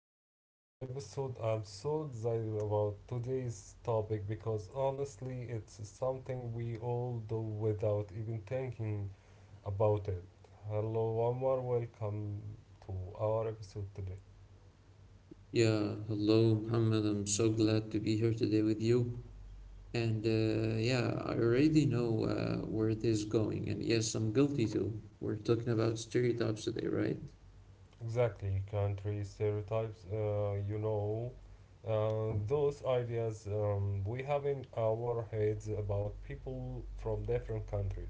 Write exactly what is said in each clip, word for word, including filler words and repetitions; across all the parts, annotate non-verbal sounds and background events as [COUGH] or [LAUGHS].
back to another episode. I'm so excited about today's topic because honestly, it's something we all do without even thinking about it. Hello, Omar, welcome to our episode today. Yeah, hello, Muhammad. I'm so glad to be here today with you. And uh, yeah, I already know uh, where this is going. And yes, I'm guilty too. We're talking about stereotypes today, right? Exactly, country stereotypes, uh, you know, uh, those ideas um, we have in our heads about people from different countries.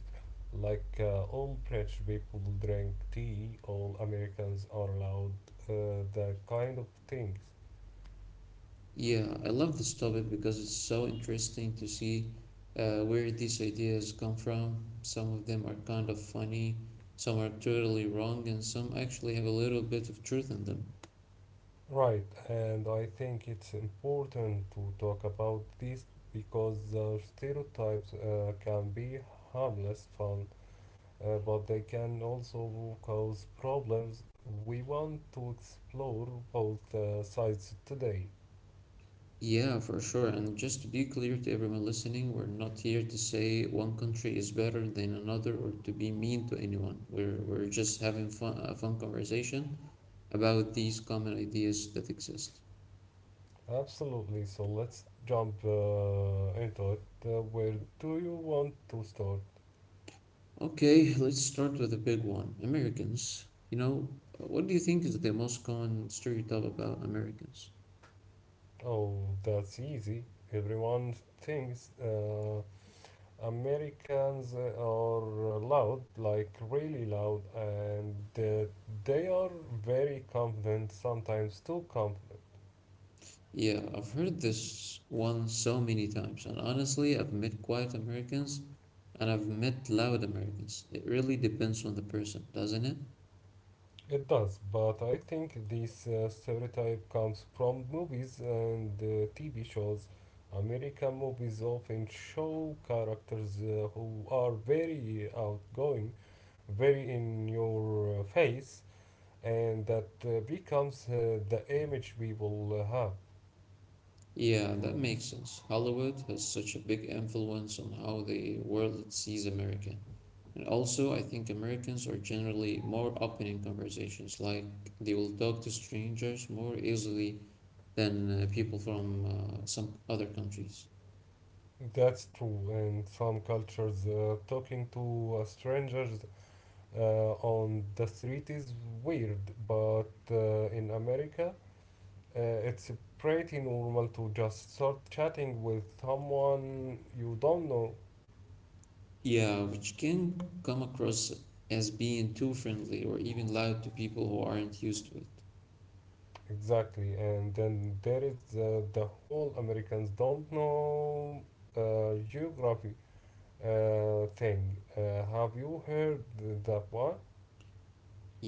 Like uh, all British people drink tea, all Americans are allowed, uh, that kind of things. Yeah, I love this topic because it's so interesting to see uh, where these ideas come from. Some of them are kind of funny, some are totally wrong, and some actually have a little bit of truth in them. Right, and I think it's important to talk about this because uh, stereotypes uh, can be harmless, fun, uh, but they can also cause problems. We want to explore both uh, sides today. Yeah, for sure. And just to be clear to everyone listening, we're not here to say one country is better than another or to be mean to anyone. We're we're just having fun, a fun conversation about these common ideas that exist. Absolutely, so let's jump uh, into it. Uh, where do you want to start? Okay, let's start with the big one. Americans. You know, what do you think is the most common stereotype about Americans? Oh, that's easy. Everyone thinks uh, Americans are loud, like really loud, and uh, they are very confident, sometimes too confident. Yeah, I've heard this one so many times, and honestly, I've met quiet Americans and I've met loud Americans. It really depends on the person, doesn't it? It does, but I think this uh, stereotype comes from movies and uh, T V shows. American movies often show characters uh, who are very outgoing, very in your uh, face, and that uh, becomes uh, the image people uh, have. Yeah, that makes sense. Hollywood has such a big influence on how the world sees America. And also, I think Americans are generally more open in conversations, like they will talk to strangers more easily than uh, people from uh, some other countries. That's true, and some cultures uh, talking to uh, strangers uh, on the street is weird, but uh, in America, Uh, it's pretty normal to just start chatting with someone you don't know. Yeah, which can come across as being too friendly or even loud to people who aren't used to it. Exactly, and then there is the, the whole Americans don't know uh, geography uh, thing. Uh, have you heard that one?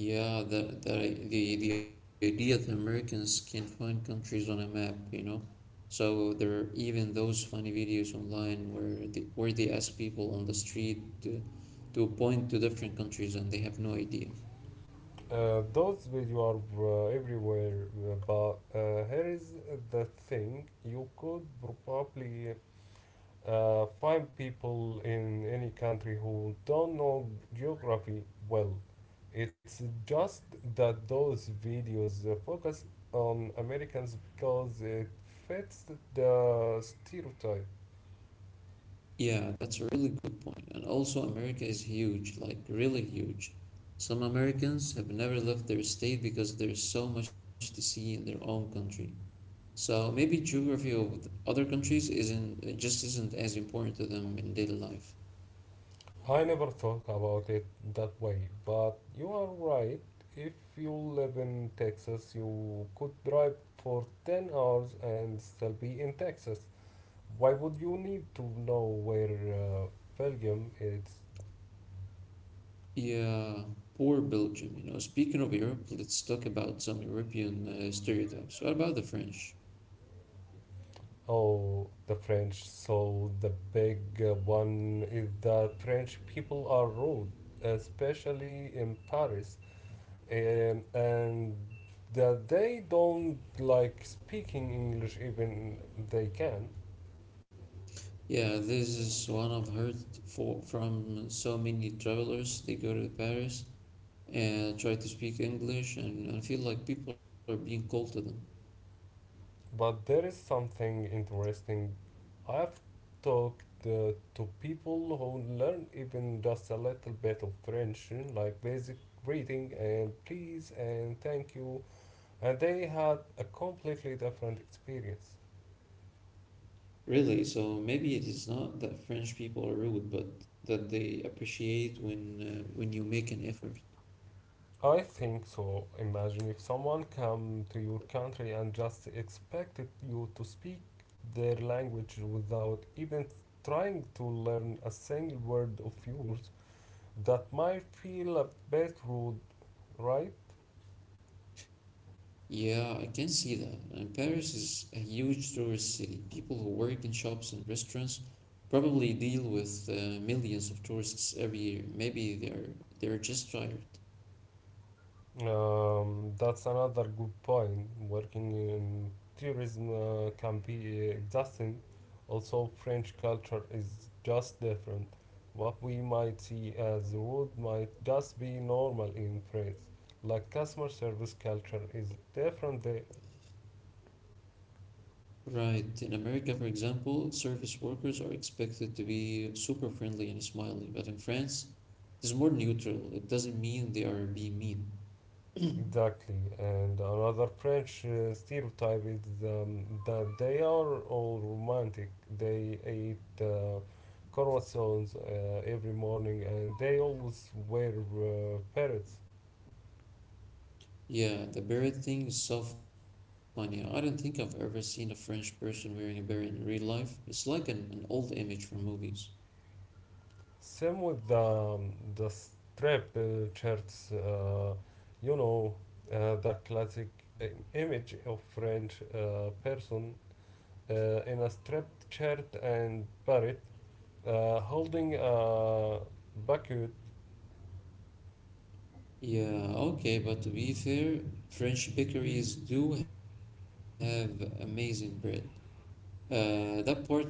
Yeah, the the the, the idea that Americans can find countries on a map, you know. So there are even those funny videos online where they where they ask people on the street to, to point to different countries and they have no idea. Uh, those videos are uh, everywhere, uh, but uh, here is the thing: you could probably Uh, find people in any country who don't know geography well. It's just that those videos uh, focus on Americans because it fits the stereotype. Yeah, that's a really good point. And also, America is huge, like really huge. Some Americans have never left their state because there's so much to see in their own country. So maybe geography of th- other countries isn't uh, just isn't as important to them in daily life. I never thought about it that way, but you are right. If you live in Texas, you could drive for ten hours and still be in Texas. Why would you need to know where uh, Belgium is? Yeah, poor Belgium, you know. Speaking of Europe, let's talk about some European uh, stereotypes. What about the French? Oh, the French. So the big uh, one is that French people are rude, especially in Paris, and, and that they don't like speaking English even they can. Yeah, this is one I've heard for, from so many travelers. They go to Paris and try to speak English and, and feel like people are being cold to them. But there is something interesting. I've talked uh, to people who learn even just a little bit of French, like basic greeting and please and thank you, and they had a completely different experience. Really, so maybe it is not that French people are rude, but that they appreciate when uh, when you make an effort. I think so. Imagine if someone come to your country and just expected you to speak their language without even trying to learn a single word of yours. That might feel a bit rude, right? Yeah, I can see that. And Paris is a huge tourist city. People who work in shops and restaurants probably deal with uh, millions of tourists every year. Maybe they're they're just tired. Um, that's another good point. Working in tourism uh, can be exhausting. Also, French culture is just different. What we might see as rude might just be normal in France. Like customer service culture is different there. Right. In America, for example, service workers are expected to be super friendly and smiley, but in France, it is more neutral. It doesn't mean they are being mean. Exactly, and another French uh, stereotype is um, that they are all romantic. They eat uh, croissants uh, every morning, and they always wear uh, parrots. Yeah, the beret thing is so funny. I don't think I've ever seen a French person wearing a beret in real life. It's like an, an old image from movies. Same with the um, the strap uh, shirts. Uh, you know, uh, the classic i- image of French uh, person uh, in a striped shirt and parrot, uh, holding a bucket. Yeah, okay, but to be fair, French bakeries do have amazing bread. Uh, that part might be true.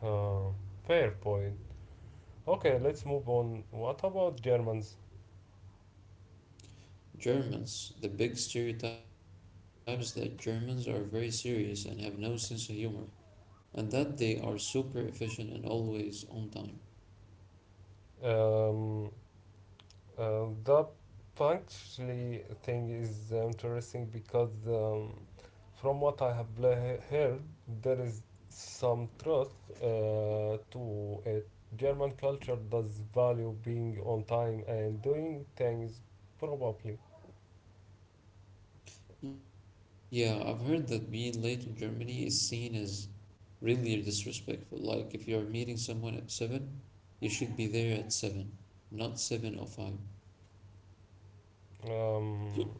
Uh, fair point. Okay, let's move on. What about Germans? Germans, the big stereotypes that Germans are very serious and have no sense of humor, and that they are super efficient and always on time. Um, uh, the punctually thing is interesting because um, from what I have le- heard, there is some truth uh, to it. German culture does value being on time and doing things probably, Yeah, I've heard that being late in Germany is seen as really disrespectful. Like if you're meeting someone at seven, you should be there at seven, not seven oh five. um,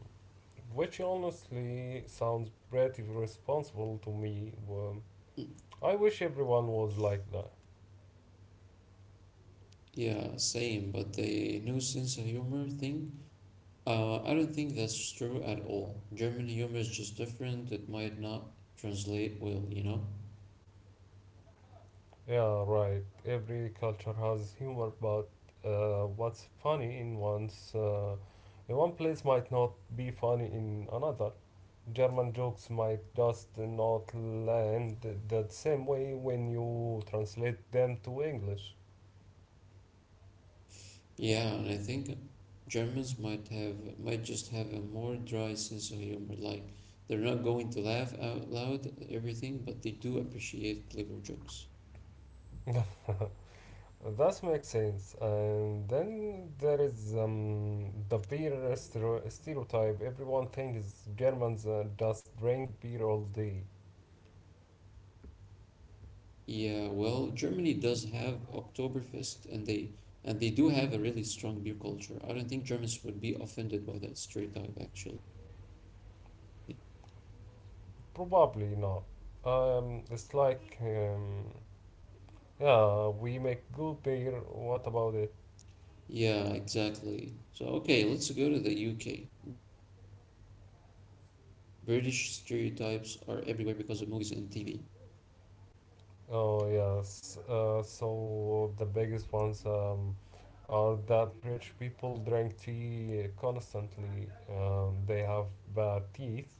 which honestly sounds pretty responsible to me. Um, I wish everyone was like that. Yeah, same, but the no sense of humor thing, uh, I don't think that's true at all. German humor is just different. It might not translate well, you know? Yeah, right. Every culture has humor, but uh, what's funny in one's uh, in one place might not be funny in another. German jokes might just not land the same way when you translate them to English. Yeah, and I think Germans might have might just have a more dry sense of humor. Like they're not going to laugh out loud at everything, but they do appreciate clever jokes. That makes sense. And then there is um, the beer stereo- stereotype. Everyone thinks Germans uh, just drink beer all day. Yeah, well, Germany does have Oktoberfest and they and they do have a really strong beer culture. I don't think Germans would be offended by that stereotype actually. Probably not. Um, it's like, um, yeah, we make good beer. What about it? Yeah, exactly. So okay, let's go to the U K. British stereotypes are everywhere because of movies and T V. Oh yes. Uh, so the biggest ones um, are that rich people drink tea constantly. Um, they have bad teeth.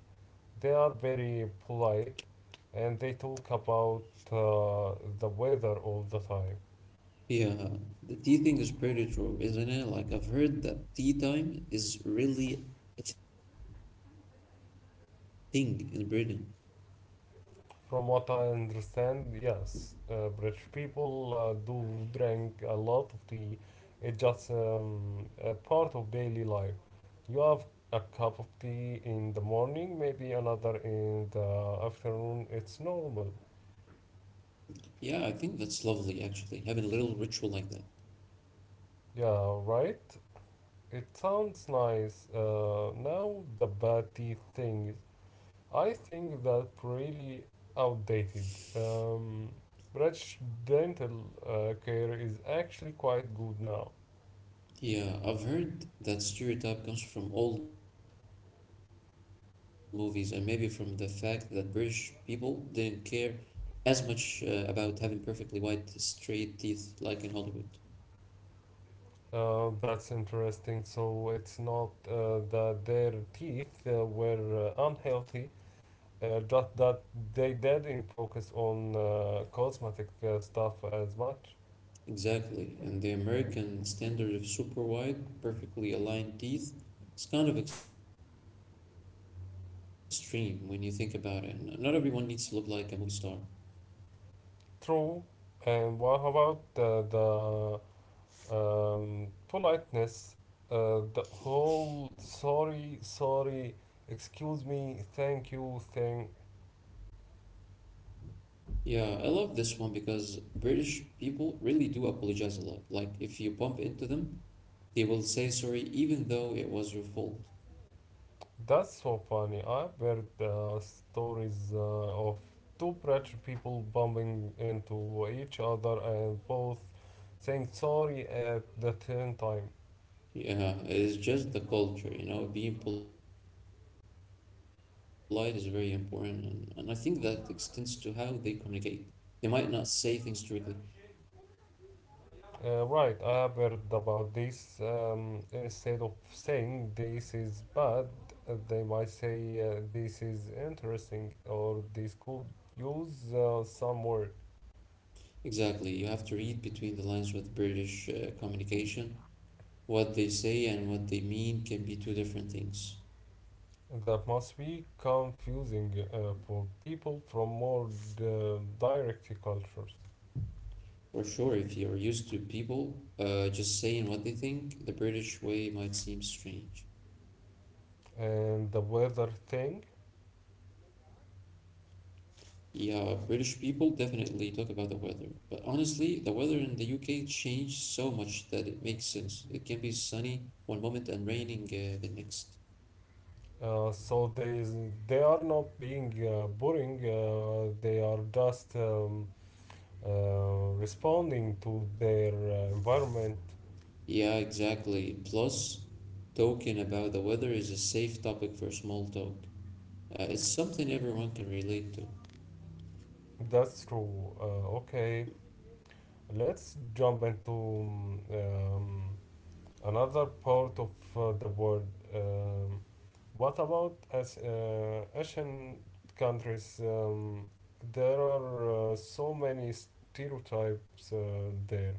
They are very polite, and they talk about uh, the weather all the time. Yeah, the tea thing is pretty true, isn't it? Like, I've heard that tea time is really a thing in Britain. From what I understand, yes, uh, rich people uh, do drink a lot of tea. It's just um, a part of daily life. You have a cup of tea in the morning, maybe another in the afternoon. It's normal. Yeah, I think that's lovely, actually, having a little ritual like that. Yeah, right? It sounds nice. Uh, now, the bad tea thing, I think that really outdated. Um, Rich dental uh, care is actually quite good now. Yeah, I've heard that stereotype comes from old movies and maybe from the fact that British people didn't care as much uh, about having perfectly white, straight teeth like in Hollywood. Uh, that's interesting. So it's not uh, that their teeth uh, were uh, unhealthy, uh, just that they didn't focus on uh, cosmetic uh, stuff as much. Exactly. And the American standard of super wide, perfectly aligned teeth is kind of extreme when you think about it. N- Not everyone needs to look like a movie star. True. And what about uh, the um, politeness? Uh, the whole sorry, sorry, excuse me, thank you thank. Yeah, I love this one because British people really do apologize a lot. Like, if you bump into them, they will say sorry even though it was your fault. That's so funny. I've heard uh, stories uh, of two rich people bumping into each other and both saying sorry at the same time. Yeah, it's just the culture, you know, being polite is very important. And, and I think that extends to how they communicate. They might not say things directly. Uh, right, I have heard about this. Um, instead of saying this is bad, uh, they might say uh, this is interesting or this could use uh, some word. Exactly. You have to read between the lines with British uh, communication. What they say and what they mean can be two different things. That must be confusing uh, for people from more uh, direct cultures. For sure, if you're used to people uh, just saying what they think, the British way might seem strange. And the weather thing. Yeah, British people definitely talk about the weather. But honestly, the weather in the U K changed so much that it makes sense. It can be sunny one moment and raining uh, the next. Uh, so they they are not being uh, boring. Uh, they are just um, uh, responding to their uh, environment. Yeah, exactly. Plus, talking about the weather is a safe topic for small talk. Uh, it's something everyone can relate to. That's true. Uh, okay, let's jump into um, um, another part of uh, the world. Um, what about as uh, Asian countries? Um, there are uh, so many stereotypes uh, there.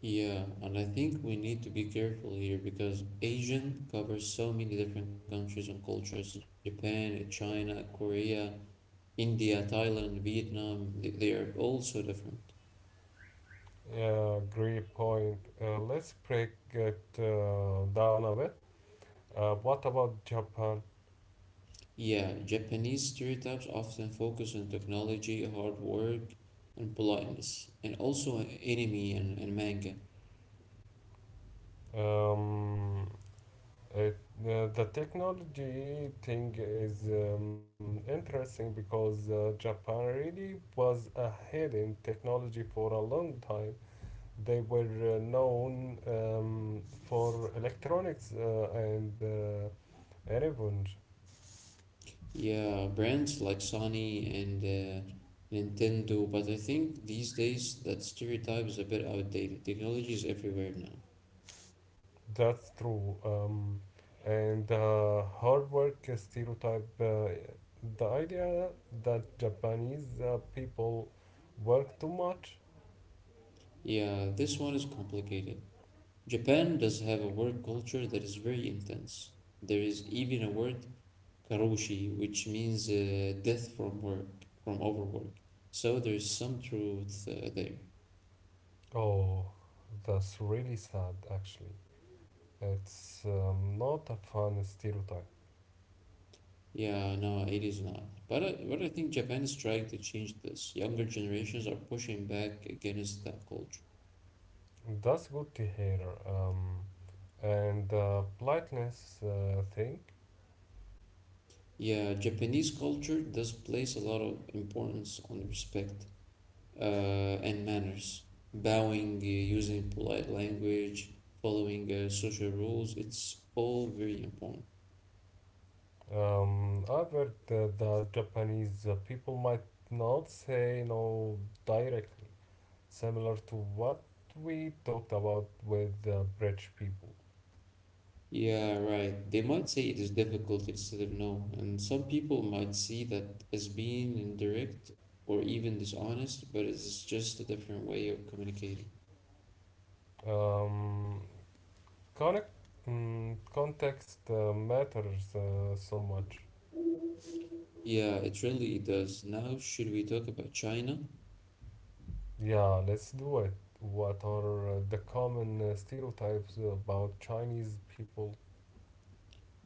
Yeah, and I think we need to be careful here because Asian covers so many different countries and cultures. Japan, China, Korea, India, Thailand, Vietnam, th- they are all so different. Yeah, great point. Uh, let's break it uh, down a bit. Uh, what about Japan? Yeah, Japanese stereotypes often focus on technology, hard work, and politeness, and also anime and, and manga. Um, it, uh, the technology thing is um, interesting because uh, Japan really was ahead in technology for a long time. They were uh, known um, for electronics uh, and uh, revenge. Yeah, brands like Sony and uh, Nintendo, but I think these days that stereotype is a bit outdated. Technology is everywhere now. That's true. Um, and uh, hard work stereotype, uh, the idea that Japanese uh, people work too much. Yeah, this one is complicated. Japan does have a work culture that is very intense. There is even a word, karoshi, which means uh, death from work, from overwork. So there's some truth uh, there. Oh, that's really sad, actually. It's um, not a fun stereotype. Yeah, no, it is not. But I, but I think Japan is trying to change this. Younger generations are pushing back against that culture. That's good to hear. Um, and the politeness uh, thing. Yeah, Japanese culture does place a lot of importance on respect, uh, and manners. Bowing, uh, using polite language, following, uh, social rules, it's all very important. Um, I've heard uh, that the Japanese uh, people might not say no directly, similar to what we talked about with uh, British people. Yeah, right. They might say it is difficult instead of no, and some people might see that as being indirect or even dishonest, but it's just a different way of communicating. Um, connect, mm, context uh, matters uh, so much. Yeah, it really does. Now, should we talk about China? Yeah, let's do it. What are uh, the common uh, stereotypes about Chinese people?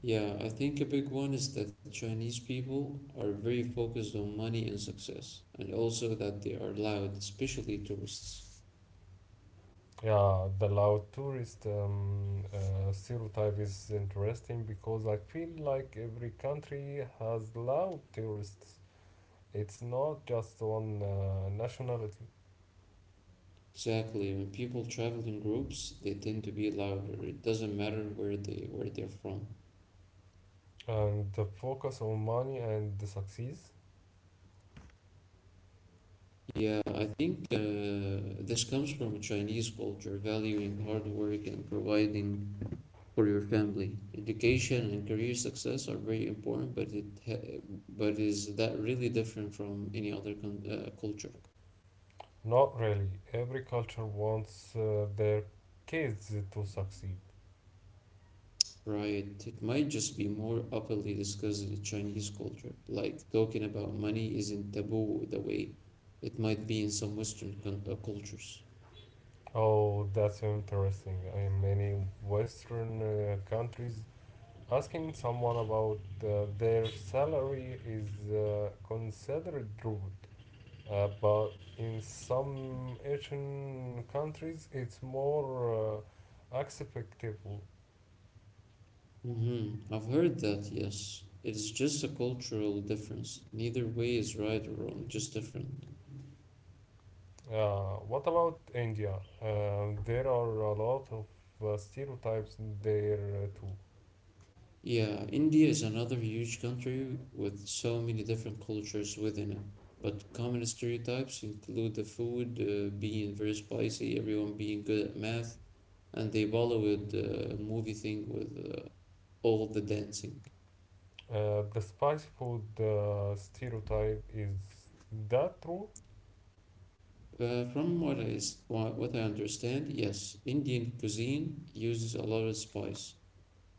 Yeah, I think a big one is that Chinese people are very focused on money and success, and also that they are loud, especially tourists. Yeah, the loud tourist um, uh, stereotype is interesting because I feel like every country has loud tourists. It's not just one uh, nationality. Exactly. When people travel in groups, they tend to be louder. It doesn't matter where they where they're from. And the focus on money and the success? Yeah, I think uh, this comes from a Chinese culture, valuing hard work and providing for your family. Education and career success are very important, but it ha- but is that really different from any other con- uh, culture, Not really. Every culture wants uh, their kids to succeed. right? It might just be more openly discussed in the Chinese culture, like talking about money isn't taboo the way it might be in some Western con- uh, cultures. Oh, that's interesting. In many Western uh, countries, asking someone about uh, their salary is uh, considered rude. Uh, but in some Asian countries, it's more uh, acceptable. Mm-hmm. I've heard that, yes. It's just a cultural difference. Neither way is right or wrong, just different. Uh, what about India? Uh, there are a lot of uh, stereotypes there uh, too. Yeah, India is another huge country with so many different cultures within it. But common stereotypes include the food uh, being very spicy, everyone being good at math, and the Bollywood uh, movie thing with uh, all the dancing. Uh, the spicy food uh, stereotype is that true? Uh, from what I, s- wha- what I understand, yes, Indian cuisine uses a lot of spice.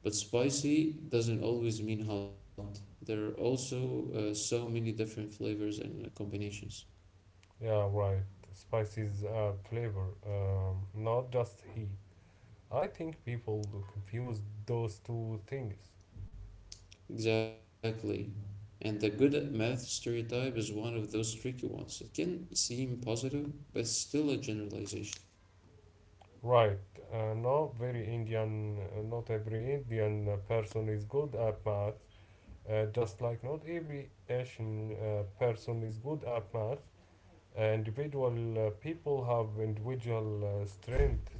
But spicy doesn't always mean hot. There are also uh, so many different flavors and uh, combinations. Yeah, right. Spice is a flavor, um, not just heat. I think people confuse those two things. Exactly. And the good at math stereotype is one of those tricky ones. It can seem positive, but it's still a generalization. Right. Uh, not very Indian. uh, Not every Indian person is good at math. Uh, just like not every Asian uh, person is good at math, uh, individual uh, people have individual uh, strength.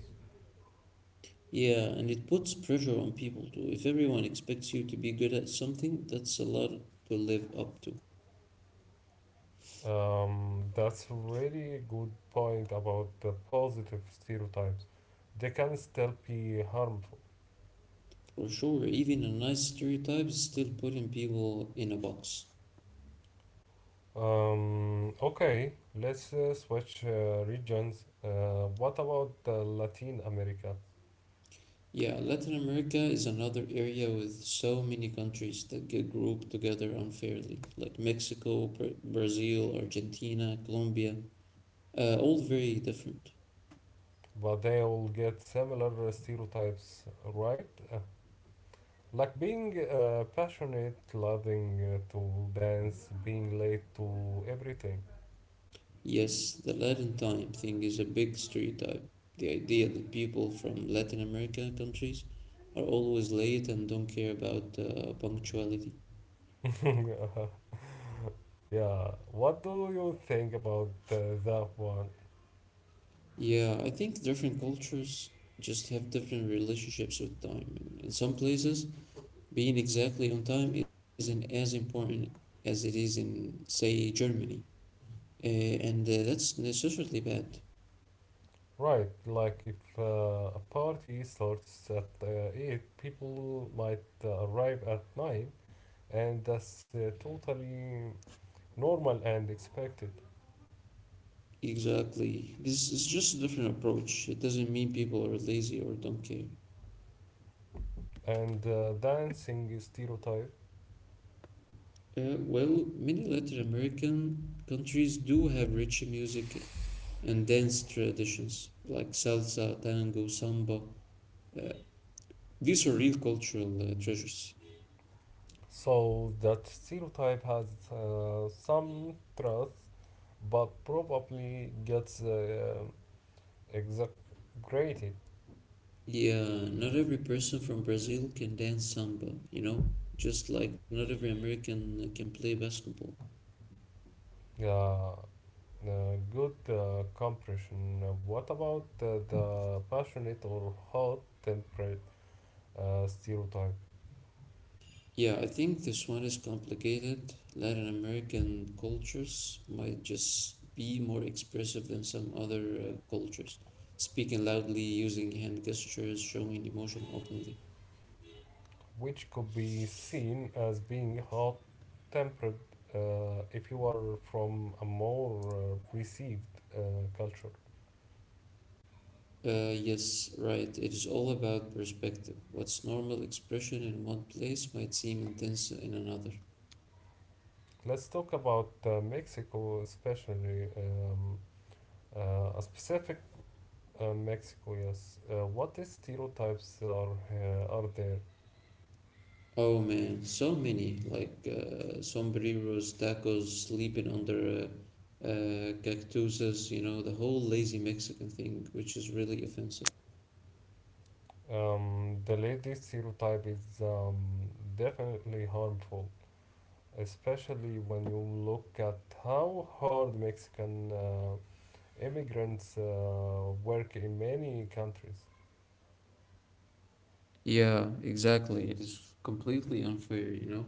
Yeah, and it puts pressure on people too. If everyone expects you to be good at something, that's a lot to live up to. Um, that's really a good point about the positive stereotypes. They can still be harmful. For sure, even a nice stereotype is still putting people in a box. Um, okay, let's uh, switch uh, regions. Uh, what about uh, Latin America? Yeah, Latin America is another area with so many countries that get grouped together unfairly, like Mexico, Bra- Brazil, Argentina, Colombia, uh, all very different. But they all get similar uh, stereotypes, right? Uh, Like being uh, passionate, loving uh, to dance, being late to everything. Yes, the Latin time thing is a big stereotype. The idea that people from Latin America countries are always late and don't care about uh, punctuality. [LAUGHS] yeah, what do you think about uh, that one? Yeah, I think different cultures just have different relationships with time. In, in some places, being exactly on time isn't as important as it is in, say, Germany. Uh, and uh, that's necessarily bad. Right, like if uh, a party starts at uh, eight, people might uh, arrive at nine, and that's uh, totally normal and expected. Exactly. This is just a different approach. It doesn't mean people are lazy or don't care. And uh, dancing is stereotype, Uh, well, many Latin American countries do have rich music and dance traditions like salsa, tango, samba. Uh, these are real cultural uh, treasures. so that stereotype has uh, some truth but probably gets uh, exaggerated. Yeah, not every person from Brazil can dance samba, you know, just like not every American can play basketball. Uh, uh, good uh, compression. Uh, What about uh, the passionate or hot tempered uh, stereotype, Yeah, I think this one is complicated. Latin American cultures might just be more expressive than some other uh, cultures, speaking loudly, using hand gestures, showing emotion openly. which could be seen as being hot tempered uh, if you are from a more uh, received uh, culture? Uh, yes, right. It is all about perspective. What's normal expression in one place might seem intense in another. Let's talk about uh, Mexico, especially um, uh, a specific. Uh, Mexico, yes. Uh, what stereotypes are uh, are there? Oh man, so many like uh, sombreros, tacos, sleeping under uh, uh, cactuses, you know, the whole lazy Mexican thing, which is really offensive. Um, the ladies stereotype is um, definitely harmful, especially when you look at how hard Mexican uh, immigrants uh, work in many countries. Yeah, exactly. It is completely unfair, you know.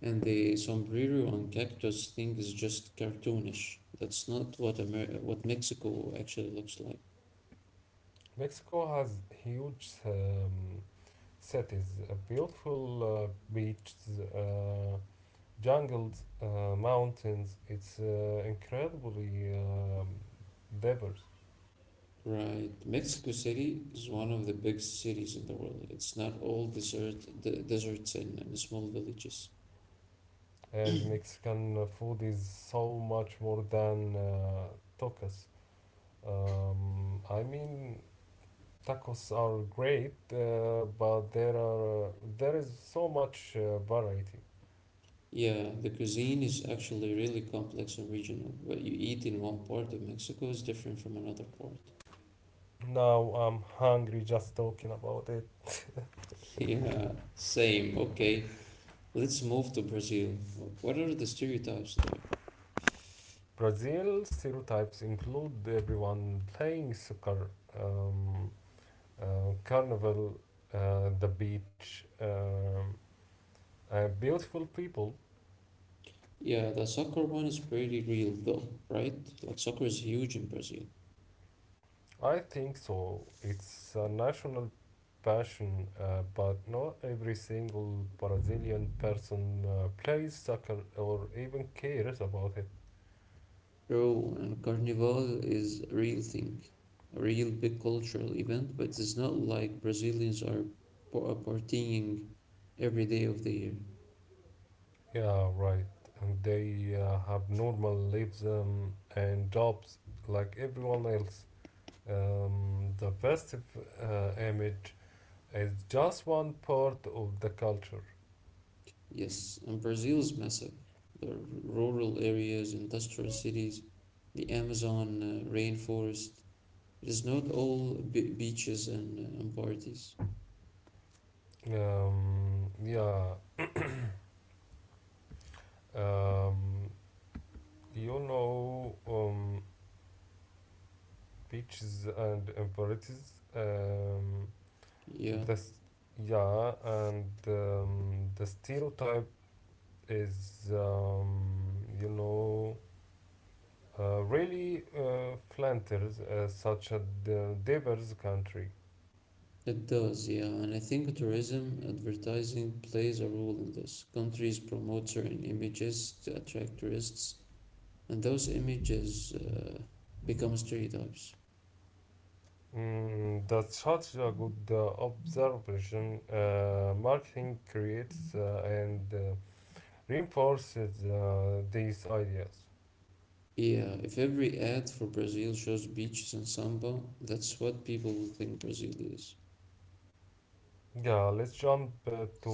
And the sombrero on cactus thing is just cartoonish. That's not what Amer what Mexico actually looks like. Mexico has huge um, cities, uh, beautiful uh, beaches, uh, jungles, uh, mountains. It's uh, incredibly um, diverse, Right. Mexico City is one of the biggest cities in the world. It's not all desert, d deserts and, and small villages. and Mexican food is so much more than uh, tacos. Um, I mean, tacos are great, uh, but there are uh, there is so much uh, variety. Yeah, the cuisine is actually really complex and regional. What you eat in one part of Mexico is different from another part. [LAUGHS] Now I'm hungry just talking about it. Yeah, same. Okay, let's move to Brazil. What are the stereotypes there? Brazil stereotypes include everyone playing soccer. Um, uh, carnival, uh, the beach, um, and beautiful people. Yeah, the soccer one is pretty real though, right? Like soccer is huge in Brazil. I think so. It's a national passion, uh, but not every single Brazilian person uh, plays soccer or even cares about it. True, and Carnival is a real thing, a real big cultural event, but it's not like Brazilians are par- partying every day of the year. Yeah, right. And they uh, have normal lives um, and jobs like everyone else. Um, the festive uh, image is just one part of the culture. Yes, and Brazil is massive. There are rural areas, industrial cities, the Amazon uh, rainforest. It is not all be- beaches and, uh, and parties. Um, yeah, um, you know, um, beaches and infirmities, um, Yeah, this, yeah, and um, the stereotype is, um, you know, uh, really uh, Flanders, uh, such a d- diverse country. it does. Yeah, and I think tourism advertising plays a role in this. Countries promote certain images to attract tourists, and those images uh, become stereotypes. Mm, that's such a good uh, observation. Uh, marketing creates uh, and uh, reinforces uh, these ideas. Yeah, if every ad for Brazil shows beaches and samba, that's what people will think Brazil is. Yeah, let's jump uh, to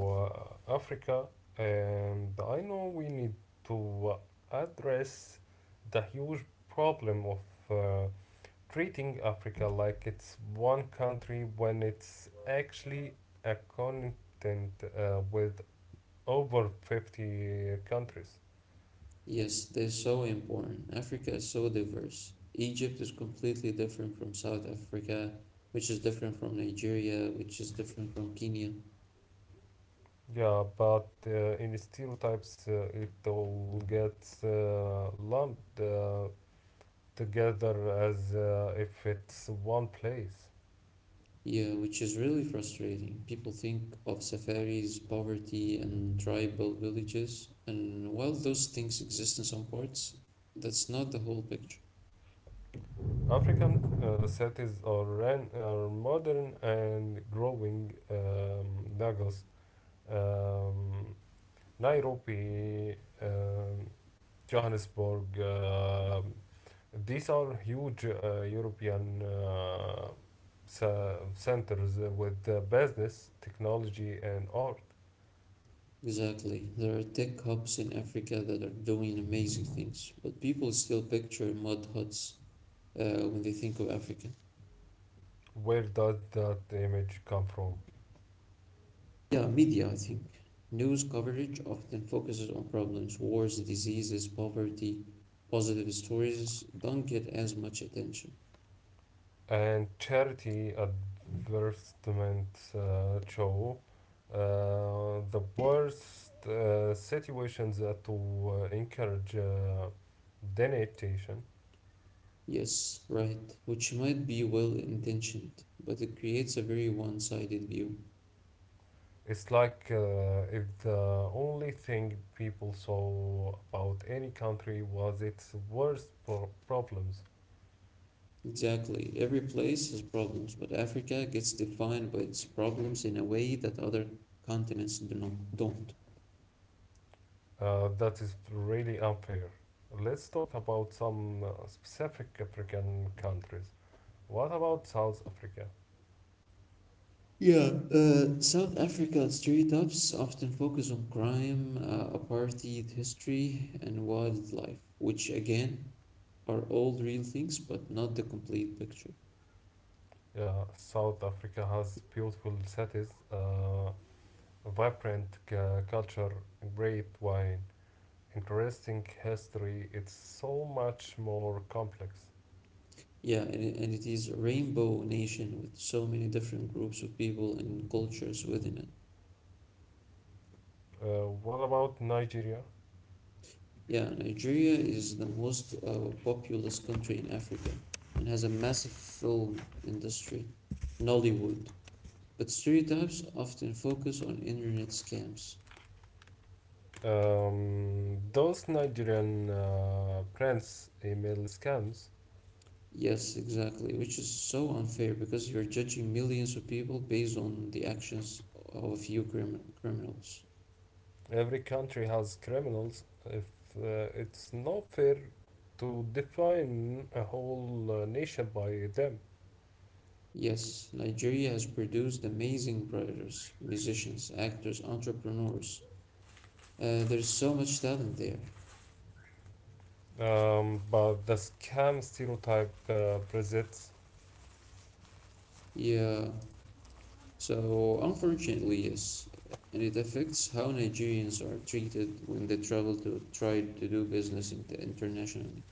uh, Africa, and I know we need to uh, address the huge problem of uh, treating Africa like it's one country when it's actually a continent uh, with over fifty countries. Yes, they're so important. Africa is so diverse. Egypt is completely different from South Africa, which is different from Nigeria, which is different from Kenya. Yeah, but uh, in stereotypes, uh, it all gets uh, lumped uh, together as uh, if it's one place. Yeah, which is really frustrating. People think of safaris, poverty, and tribal villages, and while those things exist in some parts, that's not the whole picture. African uh, cities are, ran, are modern and growing. Um, Lagos, um, Nairobi, um, Johannesburg. Uh, these are huge uh, European uh, ce- centers with uh, business, technology, and art. Exactly. There are tech hubs in Africa that are doing amazing things, but people still picture mud huts uh, when they think of Africa. Where does that image come from? Yeah, media, I think. News coverage often focuses on problems, wars, diseases, poverty, positive stories don't get as much attention. And charity advertisement uh, show uh, the worst uh, situations that to uh, encourage uh, donation. Yes, right, which might be well intentioned, but it creates a very one sided view. It's like uh, if the only thing people saw about any country was its worst pro- problems. Exactly, every place has problems, but Africa gets defined by its problems in a way that other continents do not, don't. Uh, that is really unfair. Let's talk about some uh, specific African countries. What about South Africa? Yeah, uh, South Africa stereotypes often focus on crime, uh, apartheid history, and wildlife, which again are all real things but not the complete picture. Yeah, South Africa has beautiful cities, uh, vibrant cu- culture, great wine, interesting history. It's so much more complex. Yeah, and, it- and it is a rainbow nation with so many different groups of people and cultures within it. Uh, what about Nigeria? Yeah, Nigeria is the most uh, populous country in Africa and has a massive film industry, Nollywood. But stereotypes often focus on internet scams. Um, those Nigerian uh, prince email scams. Yes, exactly, which is so unfair because you're judging millions of people based on the actions of a few crim- criminals. Every country has criminals. If uh, it's not fair to define a whole uh, nation by them. Yes, Nigeria has produced amazing writers, musicians, actors, entrepreneurs. Uh, there's so much talent there. Um, but the scam stereotype uh, presents Yeah, so unfortunately, yes, and it affects how Nigerians are treated when they travel to try to do business in- internationally.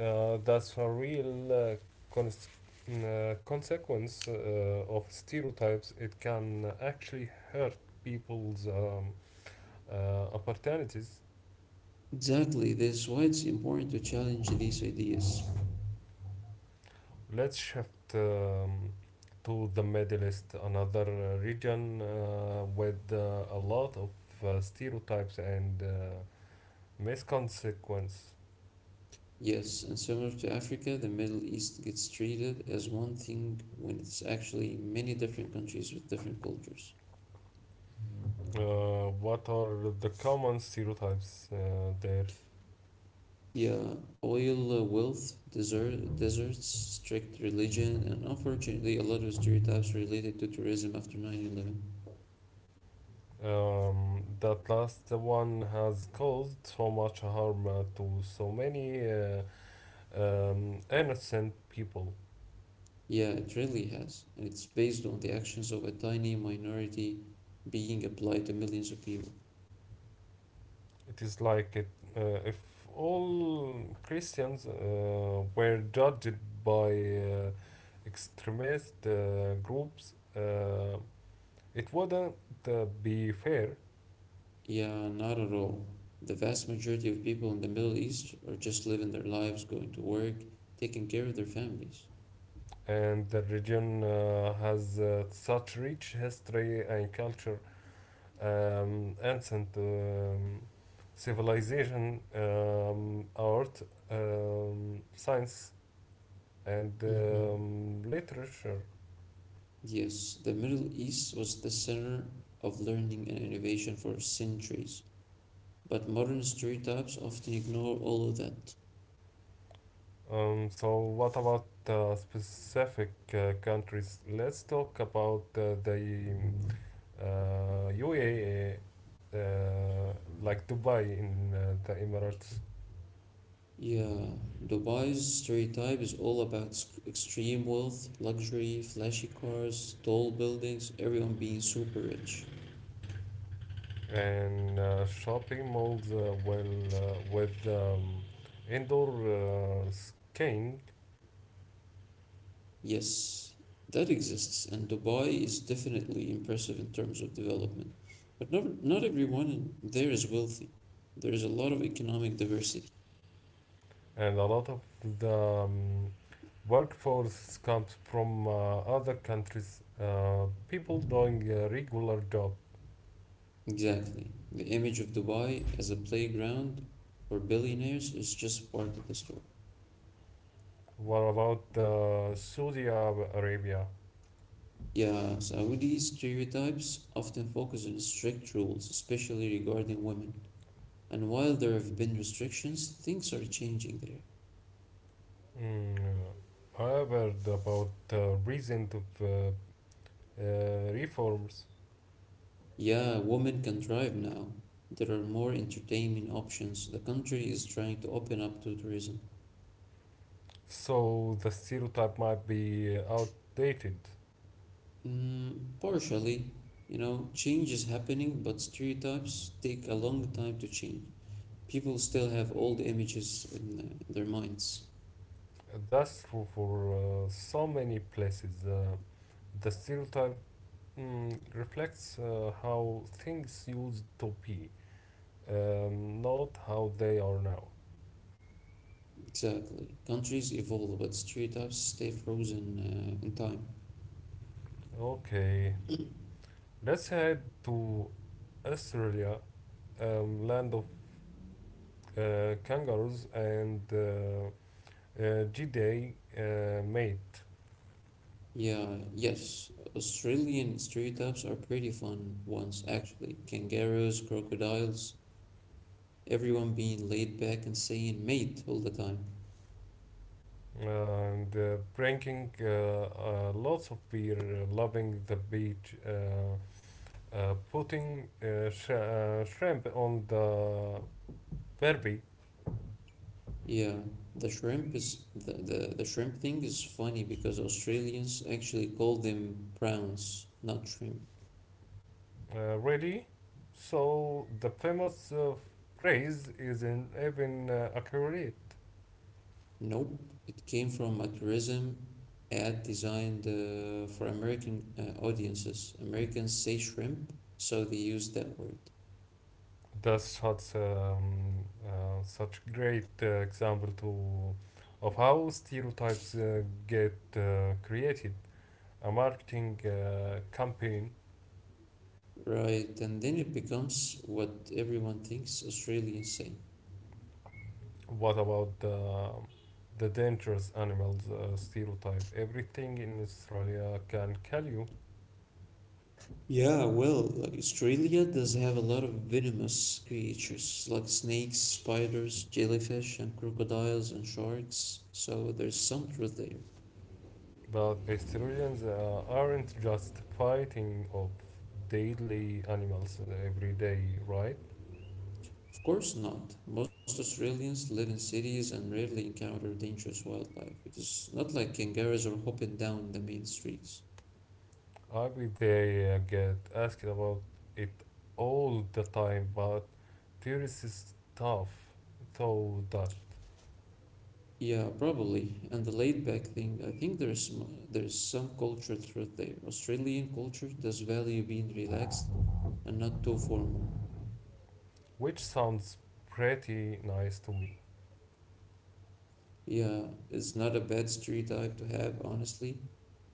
uh, that's a real uh, cons- uh, consequence uh, of stereotypes. It can actually hurt people's um, uh, opportunities. Exactly, this is why it's important to challenge these ideas. Let's shift um, to the Middle East, another uh, region uh, with uh, a lot of uh, stereotypes and uh, misconsequence. Yes, and similar to Africa, the Middle East gets treated as one thing when it's actually many different countries with different cultures. Uh, what are the common stereotypes uh, there? Yeah, oil uh, wealth, desert, deserts, strict religion, and unfortunately, a lot of stereotypes related to tourism after nine eleven. Um, that last one has caused so much harm uh, to so many uh, um, innocent people. Yeah, it really has, and it's based on the actions of a tiny minority being applied to millions of people. It is like it, uh, If all Christians uh, were judged by uh, extremist uh, groups, uh, it wouldn't uh, be fair. Yeah, not at all. The vast majority of people in the Middle East are just living their lives, going to work, taking care of their families. And the region uh, has uh, such rich history and culture, um, ancient um, civilization, um, art, um, science, and hmm um, literature. Yes, the Middle East was the center of learning and innovation for centuries, but modern stereotypes often ignore all of that. Um, so, what about uh, specific uh, countries? Let's talk about uh, the uh, U A E, uh, like Dubai in uh, the Emirates. Yeah, Dubai's stereotype is all about s- extreme wealth, luxury, flashy cars, tall buildings, everyone being super rich. And uh, shopping malls uh, well uh, with um, indoor uh, skiing, Yes, that exists, and Dubai is definitely impressive in terms of development. But not not everyone in there is wealthy. There is a lot of economic diversity. and a lot of the um, workforce comes from uh, other countries, uh, people doing a regular job. Exactly. The image of Dubai as a playground for billionaires is just part of the story. What about uh, Saudi Ar- arabia? Yeah, Saudi stereotypes often focus on strict rules, especially regarding women. And while there have been restrictions, things are changing there. mm, I heard about the recent of, uh, uh, reforms. Yeah, women can drive now. There are more entertainment options. The country is trying to open up to tourism. So the stereotype might be outdated. Mm, partially, you know, change is happening, but stereotypes take a long time to change. People still have old images in uh, in their minds. That's true for uh, so many places. Uh, the stereotype mm, reflects uh, how things used to be, um, not how they are now. Exactly. Countries evolve, but stereotypes stay frozen uh, in time. Okay, let's head to Australia, um, land of uh, kangaroos and uh, uh, G-Day uh, mate, Yeah, yes. Australian stereotypes are pretty fun ones, actually. Kangaroos, crocodiles, everyone being laid back and saying mate all the time. and uh, drinking uh, uh, lots of beer, loving the beach. Uh, Uh, putting uh, sh- uh, shrimp on the barbie. Yeah, the shrimp is the, the, the shrimp thing is funny because Australians actually call them prawns, not shrimp. Uh, really? So the famous uh, phrase isn't even uh, accurate. Nope, it came from a tourism ad designed uh, for American uh, audiences. Americans say shrimp, so they use that word. That's such um, uh, such great uh, example to of how stereotypes uh, get uh, created. A marketing uh, campaign. Right, and then it becomes what everyone thinks Australians say. What about the the dangerous animals uh, stereotype? Everything in Australia can kill you. Yeah, well, Australia does have a lot of venomous creatures like snakes, spiders, jellyfish, and crocodiles and sharks, so there's some truth there. But vegetarians uh, aren't just fighting off deadly animals every day, right? Of course not. Most Australians live in cities and rarely encounter dangerous wildlife. It is not like kangaroos are hopping down the main streets. I bet they uh, get asked about it all the time, but there is this stuff though that, Yeah, probably. And the laid back thing, I think there's m- there's some cultural truth there. Australian culture does value being relaxed and not too formal. which sounds pretty nice to me. Yeah, it's not a bad stereotype to have, honestly.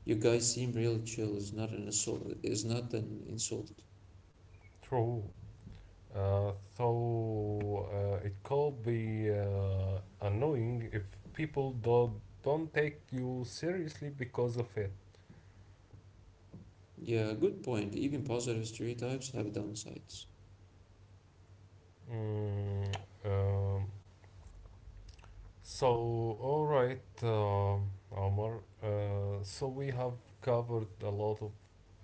You guys seem really chill. It's not an insult. It's not an insult. True. Uh, so uh, it could be uh, annoying if people do, don't take you seriously because of it. Yeah, good point. Even positive stereotypes have downsides. Mm, um, so, all right, um Omar. Uh, so, we have covered a lot of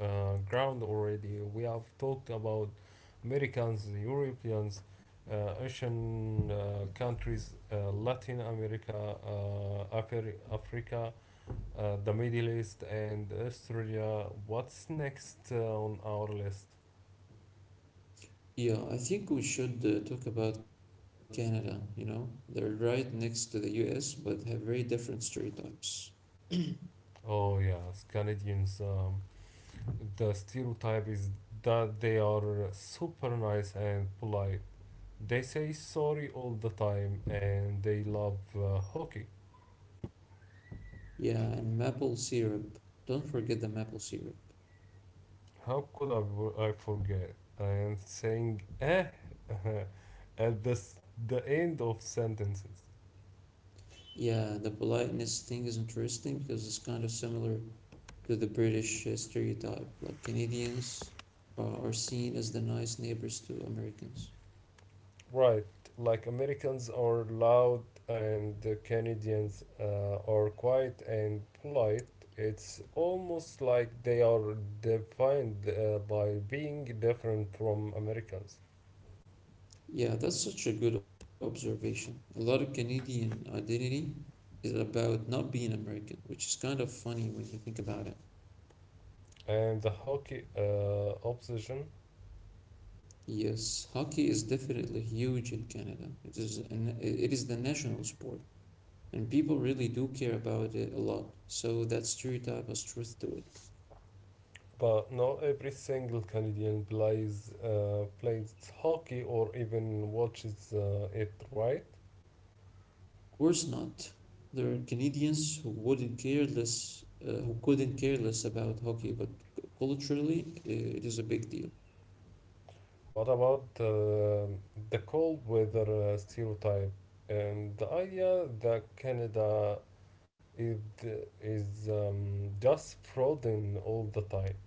uh, ground already. We have talked about Americans, Europeans, uh, Asian uh, countries, uh, Latin America, uh, Afri- Africa, uh, the Middle East, and Australia. What's next uh, on our list? Yeah, I think we should uh, talk about Canada, you know? They're right next to the U S, but have very different stereotypes. Oh, yes, Canadians. Um, the stereotype is that they are super nice and polite. They say sorry all the time and they love uh, hockey. Yeah, and maple syrup. Don't forget the maple syrup. How could I, w- I forget? And saying eh [LAUGHS] at the, s- the end of sentences. Yeah, the politeness thing is interesting because it's kind of similar to the British uh, stereotype. Like Canadians uh, are seen as the nice neighbors to Americans. Right, like Americans are loud and the Canadians uh, are quiet and polite. It's almost like they are defined uh, by being different from Americans. Yeah, that's such a good observation. A lot of Canadian identity is about not being American, which is kind of funny when you think about it. And the hockey uh, obsession, Yes, hockey is definitely huge in Canada. It is an, it is the national sport, and people really do care about it a lot. So that stereotype has truth to it. but not every single Canadian plays uh, plays hockey or even watches uh, it, right? Course not. There are Canadians who wouldn't care less, uh, who couldn't care less about hockey, but c- culturally, uh, it is a big deal. What about uh, the cold weather uh, stereotype and the idea that Canada is, is um, just frozen all the time?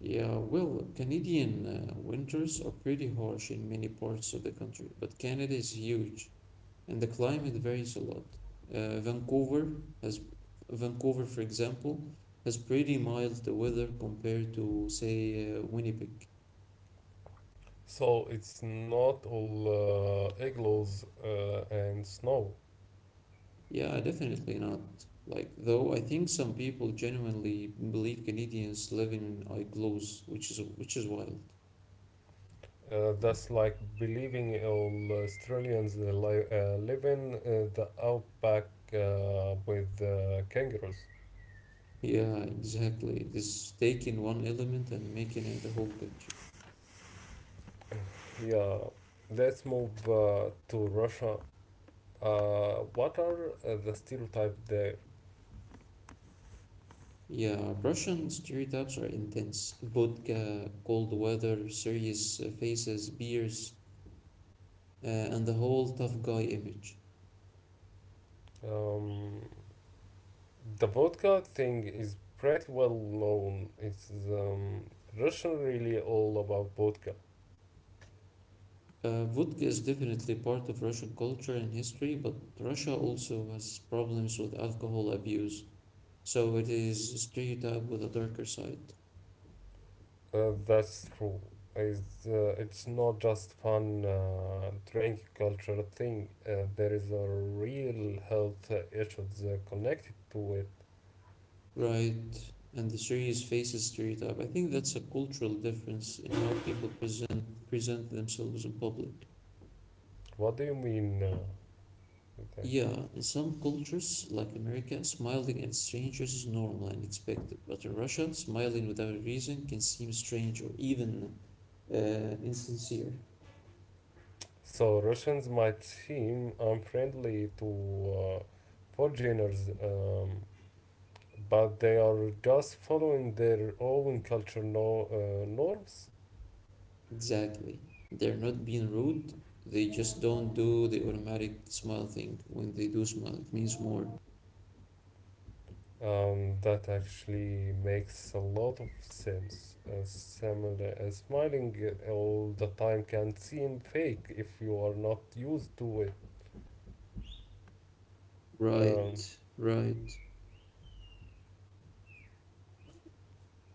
Yeah, well, Canadian uh, winters are pretty harsh in many parts of the country, but Canada is huge and the climate varies a lot. Uh, Vancouver has, Vancouver, for example, has pretty mild weather compared to, say, uh, Winnipeg. So it's not all uh, igloos uh, and snow. Yeah, definitely not. Like, though I think some people genuinely believe Canadians live in igloos, which is which is wild. Uh, that's like believing all Australians uh, li- uh, live in uh, the outback uh, with uh, kangaroos. Yeah, exactly. This taking one element and making it the whole picture. Yeah, let's move uh, to Russia. Uh, what are uh, the stereotype there? Yeah, Russian stereotypes are intense. Vodka, cold weather, serious uh, faces, beers, uh, and the whole tough guy image. Um, the vodka thing is pretty well known. It's um, Russian really all about vodka. Uh, vodka is definitely part of Russian culture and history, but Russia also has problems with alcohol abuse so it is stereotype with a darker side, Uh, that's true. It's, uh, it's not just fun uh, drink culture thing. Uh, there is a real health issues uh, connected to it. right? And the series faces stereotype. I think that's a cultural difference in how people present present themselves in public. What do you mean? Uh, okay. Yeah, in some cultures, like America, smiling at strangers is normal and expected, but in Russia, smiling without a reason can seem strange or even uh, insincere. So Russians might seem unfriendly to uh, foreigners, um, but they are just following their own culture no, uh, norms. Exactly. They're not being rude, they just don't do the automatic smile thing. When they do smile, it means more. Um, that actually makes a lot of sense. Uh, similar, uh, smiling all the time can seem fake if you are not used to it. Right, Um, right.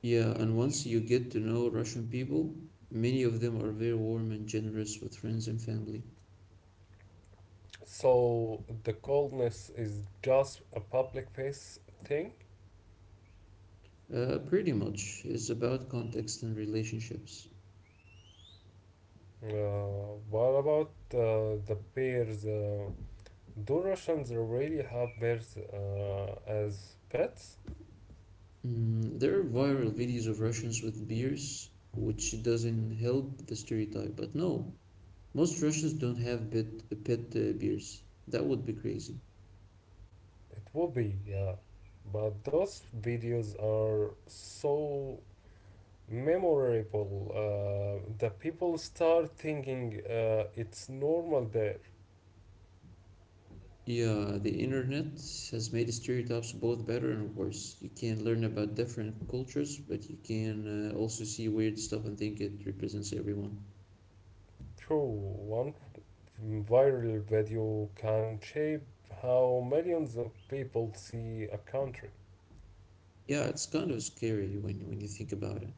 Yeah, and once you get to know Russian people, many of them are very warm and generous with friends and family. so the coldness is just a public face thing. Uh, pretty much, it's about context and relationships. Uh, what about uh, the bears? Uh, do Russians really have bears uh, as pets? Mm, there are viral videos of Russians with beers, which doesn't help the stereotype, but no, most Russians don't have pet, pet uh, beers. That would be crazy. It would be, yeah. But those videos are so memorable uh, the people start thinking uh, it's normal there. Yeah, the internet has made stereotypes both better and worse. You can learn about different cultures, but you can uh, also see weird stuff and think it represents everyone. True, one viral video can shape how millions of people see a country. Yeah, it's kind of scary when when you think about it.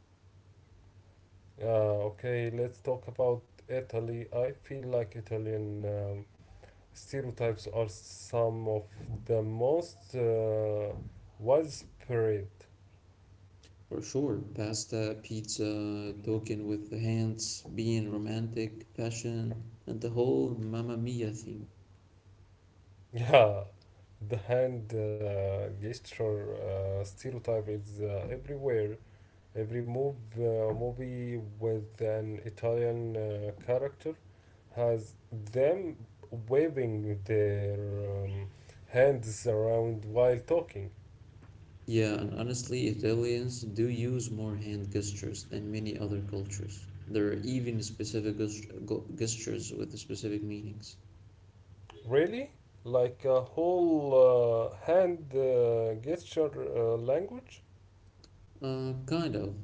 Uh, okay, let's talk about Italy. I feel like Italian um, stereotypes are some of the most uh, widespread. For sure, pasta, pizza, talking with the hands, being romantic, fashion, and the whole Mamma Mia thing. Yeah, the hand uh, gesture uh, stereotype is uh, everywhere. Every move, uh, movie with an Italian uh, character has them waving their um, hands around while talking. Yeah, and honestly, Italians do use more hand gestures than many other cultures. There are even specific gest- go- gestures with specific meanings. Really? Like a whole uh, hand uh, gesture uh, language? Uh, kind of.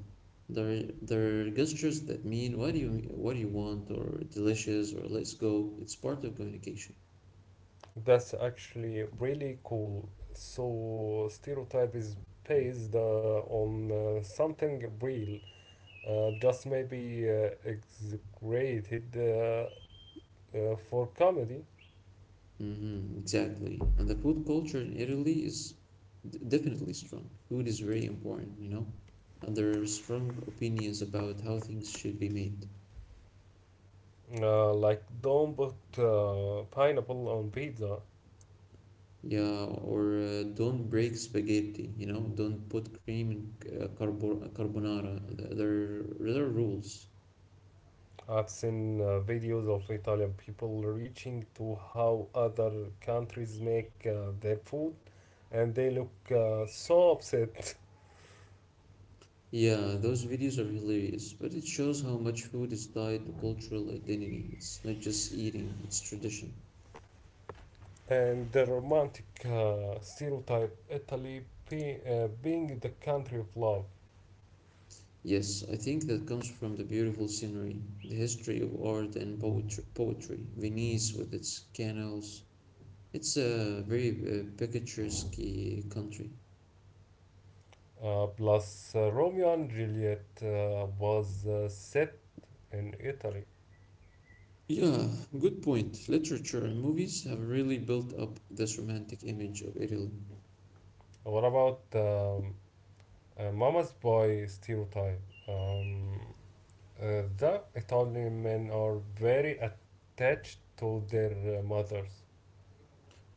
There, are- there are gestures that mean what do you what do you want or delicious or let's go. It's part of communication. That's actually really cool. So, stereotype is based uh, on uh, something real, uh, just maybe uh, exaggerated uh, uh, for comedy. Mm-hmm, exactly. And the food culture in Italy is d- definitely strong. Food is very important, you know. And there are strong opinions about how things should be made. Uh, like, don't put uh, pineapple on pizza. Yeah, or uh, don't break spaghetti, you know, don't put cream in c- uh, carbo- uh, carbonara. Th- There, there are rules. I've seen uh, videos of Italian people reaching to how other countries make uh, their food, and they look uh, so upset. [LAUGHS] Yeah, those videos are hilarious, but it shows how much food is tied to cultural identity. It's not just eating, it's tradition. And the romantic uh, stereotype Italy be, uh, being the country of love. Yes, I think that comes from the beautiful scenery, the history of art and poetry, poetry. Venice with its canals. It's a very uh, picturesque country. Uh, plus, uh, Romeo and Juliet uh, was uh, set in Italy. Yeah, good point. Literature and movies have really built up this romantic image of Italy. What about um, uh, Mama's Boy stereotype? Um, uh, the Italian men are very attached to their uh, mothers.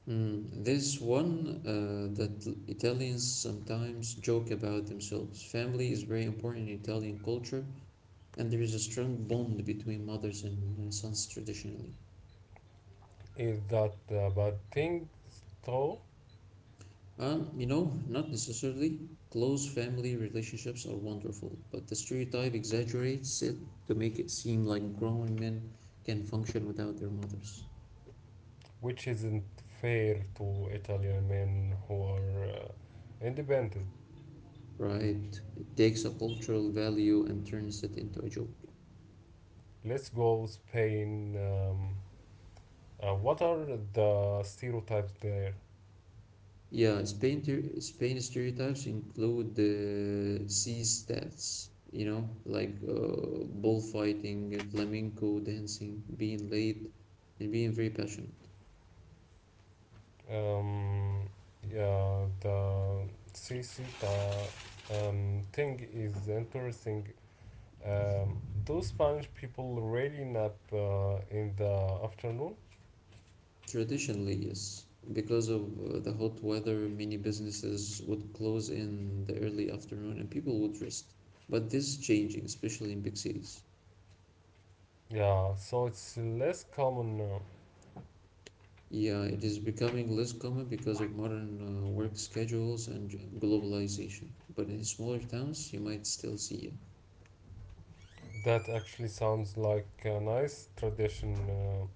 Mm, this one uh, that l- Italians sometimes joke about themselves. Family is very important in Italian culture, and there is a strong bond between mothers and uh, sons traditionally. Is that a bad thing, though? Um, you know, not necessarily. Close family relationships are wonderful, but the stereotype exaggerates it to make it seem like grown men can function without their mothers. Which isn't fair to Italian men who are uh, independent. Right? It takes a cultural value and turns it into a joke. Let's go Spain. Um, uh, what are the stereotypes there? Yeah, Spain ter- Spain stereotypes include the sea stats, you know, like uh, bullfighting, flamenco dancing, being late, and being very passionate. Um, yeah, the Cicita um, thing is interesting. Um, do Spanish people really nap uh, in the afternoon? Traditionally, yes, because of uh, the hot weather, many businesses would close in the early afternoon and people would rest. But this is changing, especially in big cities. Yeah, so it's less common now. Yeah, it is becoming less common because of modern uh, work schedules and j- globalization. But in smaller towns, you might still see it. That actually sounds like a nice tradition. Uh,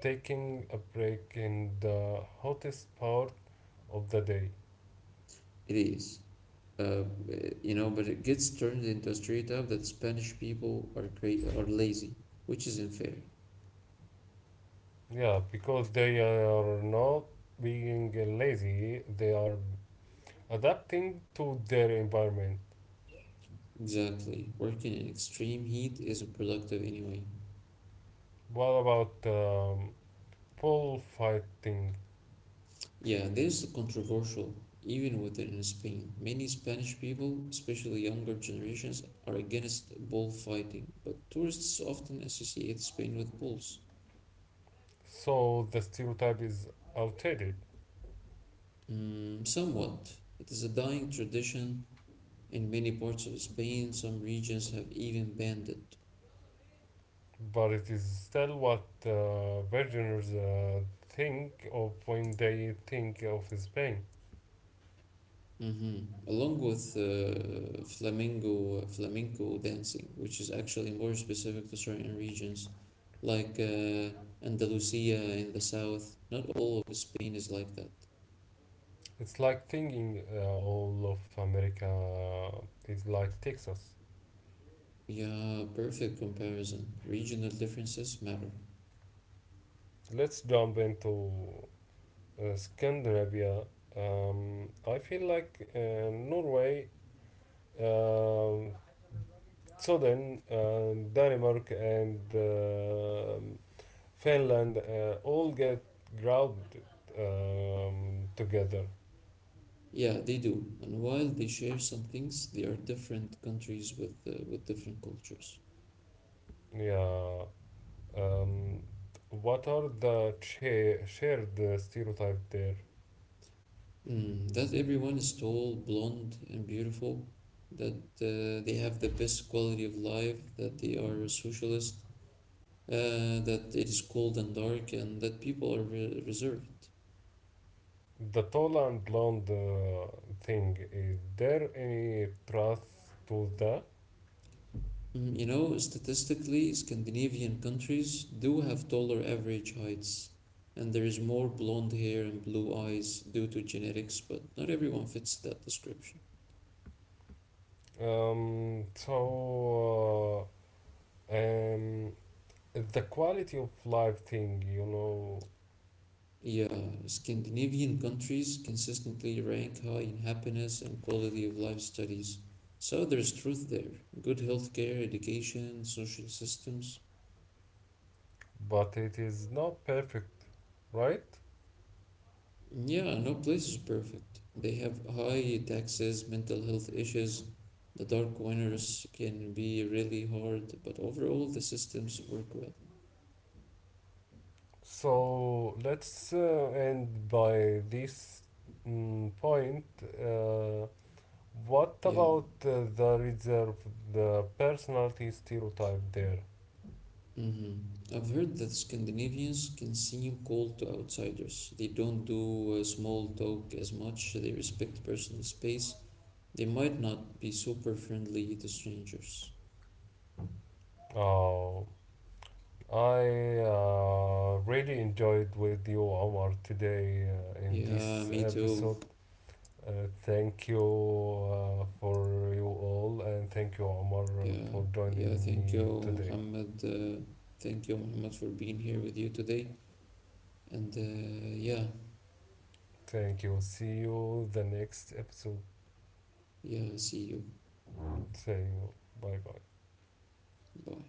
Taking a break in the hottest part of the day. It is. Uh, b- you know, but it gets turned into a stereotype that Spanish people are great are lazy, which isn't fair. Yeah, because they are not being lazy, they are adapting to their environment. Exactly. Working in extreme heat isn't productive anyway. What about um, bullfighting? Yeah, this is controversial, even within Spain. Many Spanish people, especially younger generations, are against bullfighting, but tourists often associate Spain with bulls. So the stereotype is outdated, Mm, somewhat. It is a dying tradition in many parts of Spain. Some regions have even banned it. but it is still what uh, Virginians uh, think of when they think of Spain. Mm-hmm. Along with uh, flamingo flamenco dancing, which is actually more specific to certain regions, like uh, Andalusia in the south. Not all of Spain is like that. It's like thinking uh, all of America is like Texas. Yeah, perfect comparison. Regional differences matter. Let's jump into uh, Scandinavia. Um, I feel like uh, Norway, um Sweden, uh, Denmark, and um Finland uh, all get grouped um, together. Yeah, they do. And while they share some things, they are different countries with uh, with different cultures. Yeah. Um, what are the cha- shared uh, stereotypes there? Mm, that everyone is tall, blonde, and beautiful, that uh, they have the best quality of life, that they are a socialist, uh, that it is cold and dark, and that people are re reserved. The tall and blonde uh, thing, is there any truth to that? Mm, you know, statistically, Scandinavian countries do have taller average heights, and there is more blonde hair and blue eyes due to genetics, but not everyone fits that description. Um, so, uh, um, the quality of life thing, you know, Yeah, Scandinavian countries consistently rank high in happiness and quality of life studies. So there's truth there. Good healthcare, education, social systems. but it is not perfect, right? Yeah, no place is perfect. They have high taxes, mental health issues. The dark winters can be really hard, but overall the systems work well. So, let's uh, end by this mm, point. Uh, what Yeah. about uh, the reserve, the personality stereotype there? hmm I've heard that Scandinavians can seem cold to outsiders. They don't do uh, small talk as much, they respect personal space. They might not be super friendly to strangers. Oh, I uh, really enjoyed with you, Omar, today uh, in Yeah, me this too. episode. Uh, thank you uh, for you all, and thank you, Omar, uh, Yeah, for joining yeah, thank you, me today. Muhammad. Uh, thank you, Muhammad, for being here with you today. And uh, yeah, Thank you. See you the next episode. yeah, see you. Thank you. Bye bye. Bye.